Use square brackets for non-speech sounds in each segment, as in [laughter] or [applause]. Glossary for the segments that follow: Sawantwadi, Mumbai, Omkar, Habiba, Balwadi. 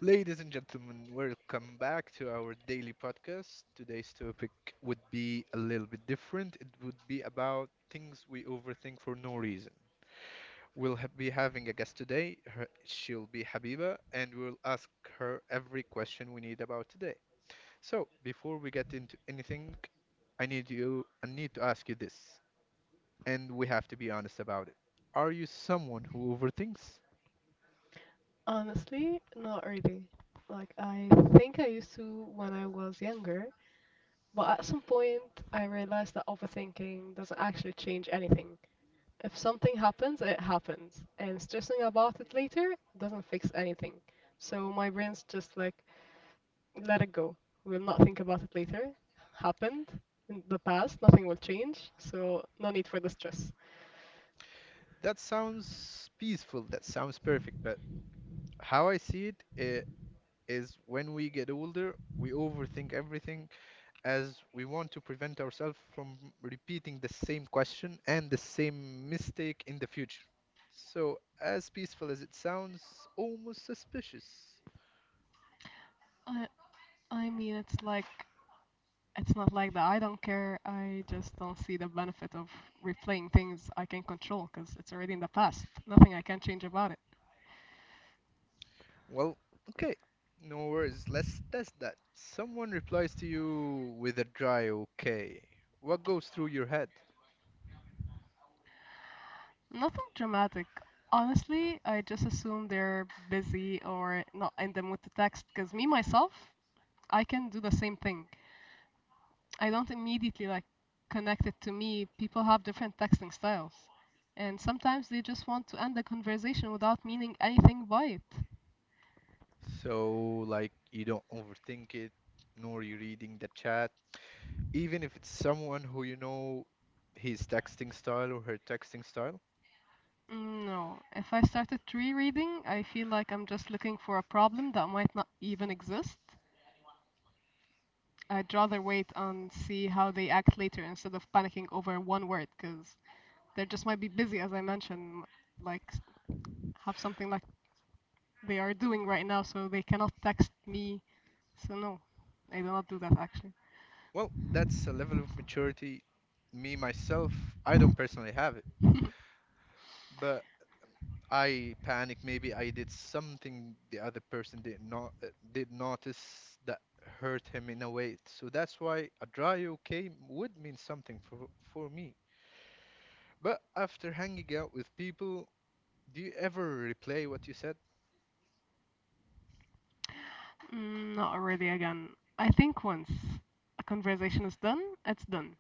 Ladies and gentlemen, welcome back to our daily podcast. Today's topic would be a little bit different. It would be about things we overthink for no reason. We'll be having a guest today. She'll be Habiba, and we'll ask her every question we need about today. So, before we get into anything, I need to ask you this, and we have to be honest about it. Are you someone who overthinks? Honestly, not really. Like, I think I used to when I was younger, but at some point I realized that overthinking doesn't actually change anything. If something happens, it happens, and stressing about it later doesn't fix anything. So my brain's just like, let it go. We'll not think about it later. Happened in the past, nothing will change, so no need for the stress. That sounds peaceful, that sounds perfect, but how I see it, it is when we get older, we overthink everything as we want to prevent ourselves from repeating the same question and the same mistake in the future. So, as peaceful as it sounds, almost suspicious. I I mean, it's like It's not like that. I don't care. I just don't see the benefit of replaying things I can control because it's already in the past. Nothing I can change about it. Well, okay, no worries, let's test that. Someone replies to you with a dry okay. What goes through your head? Nothing dramatic. Honestly, I just assume they're busy or not in the mood to text because me myself, I can do the same thing. I don't immediately like connect it to me. People have different texting styles, and sometimes they just want to end the conversation without meaning anything by it. So, like, you don't overthink it, nor you reading the chat, even if it's someone who you know his texting style or her texting style, Mm, no, if I start at tree reading, I feel like I'm just looking for a problem that might not even exist. I'd rather wait and see how they act later instead of panicking over one word, because they just might be busy, as I mentioned, like s- have something like they are doing right now, so they cannot text me. So no, I do not do that actually. well, that's a level of maturity me myself, I don't personally have it, [laughs] but I panic. Maybe I did something the other person did not did notice that hurt him in a way. So that's why a dry okay would mean something for me. But after hanging out with people, do you ever replay what you said? Mm, not really again. I think once a conversation is done, it's done.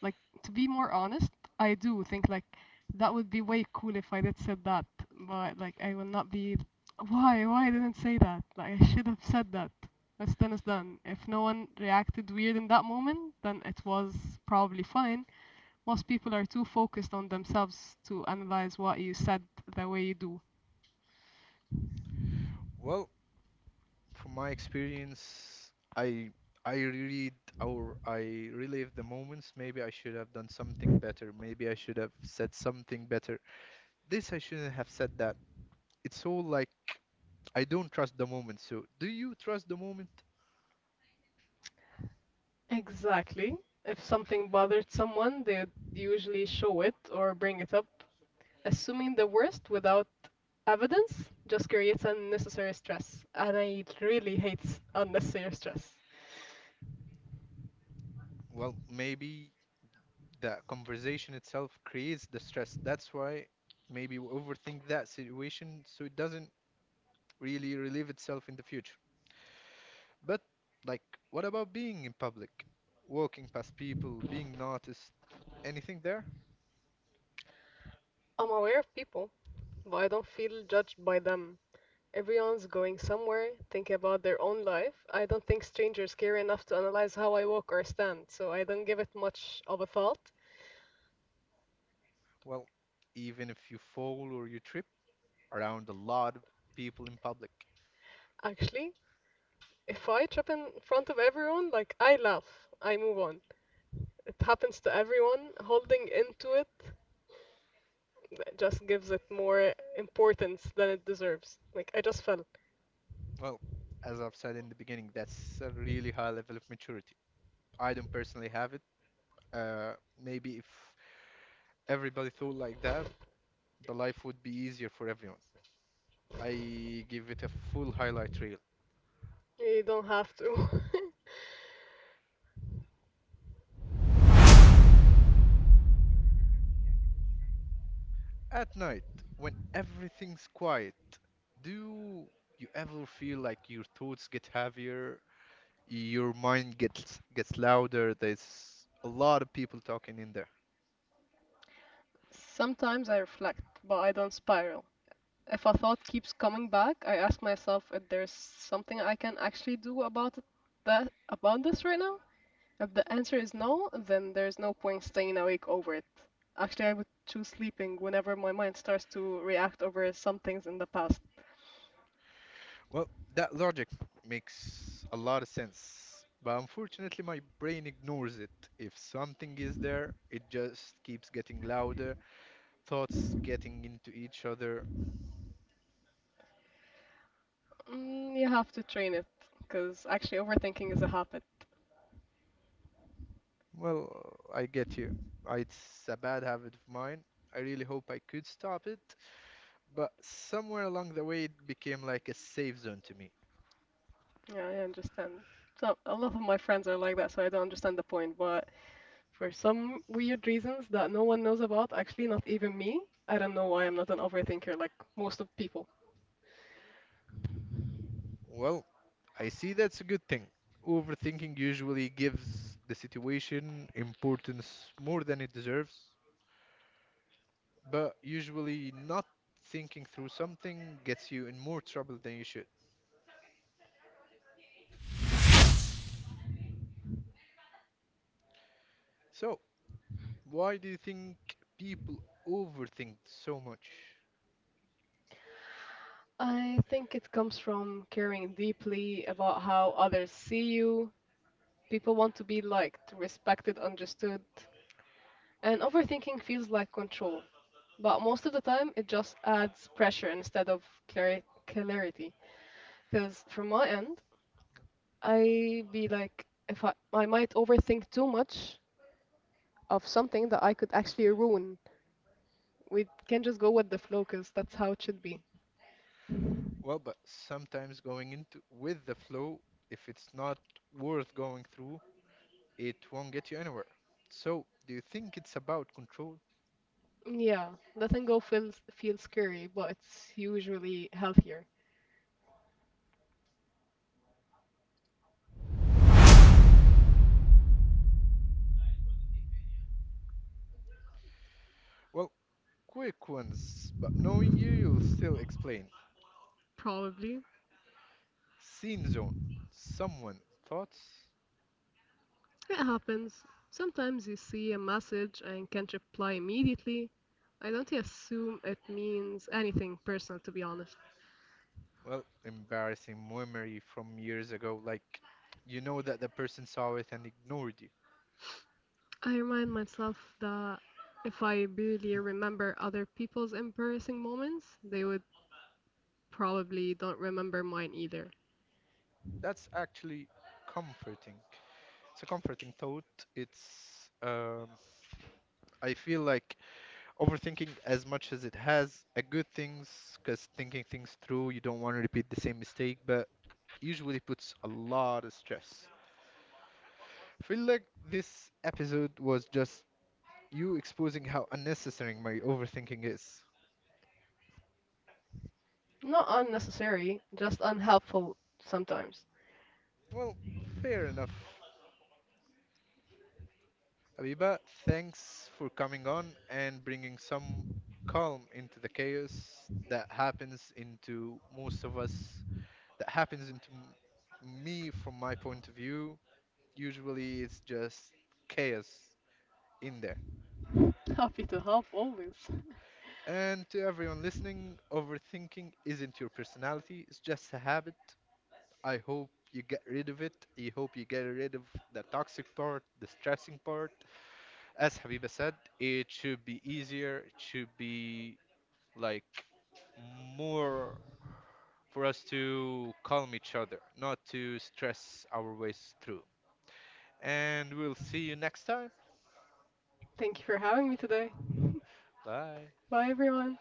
Like, to be more honest, I do think like that would be way cool if I did said that, but like I will not be. Why? Why I didn't say that? Like I should have said that. That's done is done. If no one reacted weird in that moment, then it was probably fine. Most people are too focused on themselves to analyze what you said the way you do. Well, from my experience, I reread or I relive the moments. Maybe I should have done something better. Maybe I should have said something better. This I shouldn't have said that. It's all like I don't trust the moment. So, do you trust the moment? Exactly. If something bothered someone, they'd usually show it or bring it up. Assuming the worst without evidence just creates unnecessary stress, and I really hate unnecessary stress. Well, maybe the conversation itself creates the stress. That's why maybe we overthink that situation so it doesn't really relieve itself in the future. But like, what about being in public? Walking past people, being noticed, anything there? I'm aware of people, but I don't feel judged by them. Everyone's going somewhere, thinking about their own life. I don't think strangers care enough to analyze how I walk or stand, so I don't give it much of a thought. Well, even if you fall or you trip around a lot of people in public, Actually, if I trip in front of everyone, like, I laugh, I move on. It happens to everyone. Holding into it, that just gives it more importance than it deserves. Like, I just fell. well, as I've said in the beginning, that's a really high level of maturity. I don't personally have it. Uh, Maybe if everybody thought like that, the life would be easier for everyone. I give it a full highlight reel. You don't have to. [laughs] At night, when everything's quiet, do you ever feel like your thoughts get heavier? Your mind gets louder. There's a lot of people talking in there. Sometimes I reflect, but I don't spiral. If a thought keeps coming back, I ask myself if there's something I can actually do about it, that about this right now. If the answer is no, then there's no point staying awake over it. Actually, I would choose sleeping whenever my mind starts to react over some things in the past. Well, that logic makes a lot of sense, but unfortunately, my brain ignores it. If something is there, it just keeps getting louder, thoughts getting into each other. Mm, you have to train it, because actually overthinking is a habit. Well, I get you. It's a bad habit of mine. I really hope I could stop it, but somewhere along the way it became like a safe zone to me. Yeah, I understand. So a lot of my friends are like that, so I don't understand the point. But for some weird reasons that no one knows about, actually not even me, I don't know why I'm not an overthinker like most of people. Well, I see that's a good thing. Overthinking usually gives the situation importance more than it deserves, but usually not thinking through something gets you in more trouble than you should. So, why do you think people overthink so much? I think it comes from caring deeply about how others see you. People want to be liked, respected, understood, and overthinking feels like control. But most of the time, it just adds pressure instead of clari clarity. Because from my end, I be like, if I might overthink too much of something that I could actually ruin. We can just go with the flow, 'cause that's how it should be. Well, but sometimes going into with the flow, if it's not worth going through, it won't get you anywhere. So, do you think it's about control? Yeah, letting go feels scary, but it's usually healthier. Well, quick ones, but knowing you, you'll still explain. Probably. Scene zone. Someone. Thoughts? It happens. Sometimes you see a message and can't reply immediately. I don't assume it means anything personal, to be honest. Well, embarrassing memory from years ago, like you know that the person saw it and ignored you. I remind myself that if I barely remember other people's embarrassing moments, they would probably don't remember mine either. That's actually comforting. It's a comforting thought. It's, I feel like overthinking as much as it has a good things, because thinking things through, you don't want to repeat the same mistake, but usually puts a lot of stress. Feel like this episode was just you exposing how unnecessary my overthinking is. Not unnecessary, just unhelpful sometimes. Well, fair enough. Abiba, thanks for coming on and bringing some calm into the chaos that happens into most of us, that happens into me from my point of view. Usually it's just chaos in there. [laughs] Happy to help always. And to everyone listening, overthinking isn't your personality, it's just a habit. I hope you get rid of it. I hope you get rid of the toxic part, the stressing part. As Habiba said, it should be easier, it should be like more for us to calm each other, not to stress our ways through. And we'll see you next time. Thank you for having me today. Bye. Bye everyone.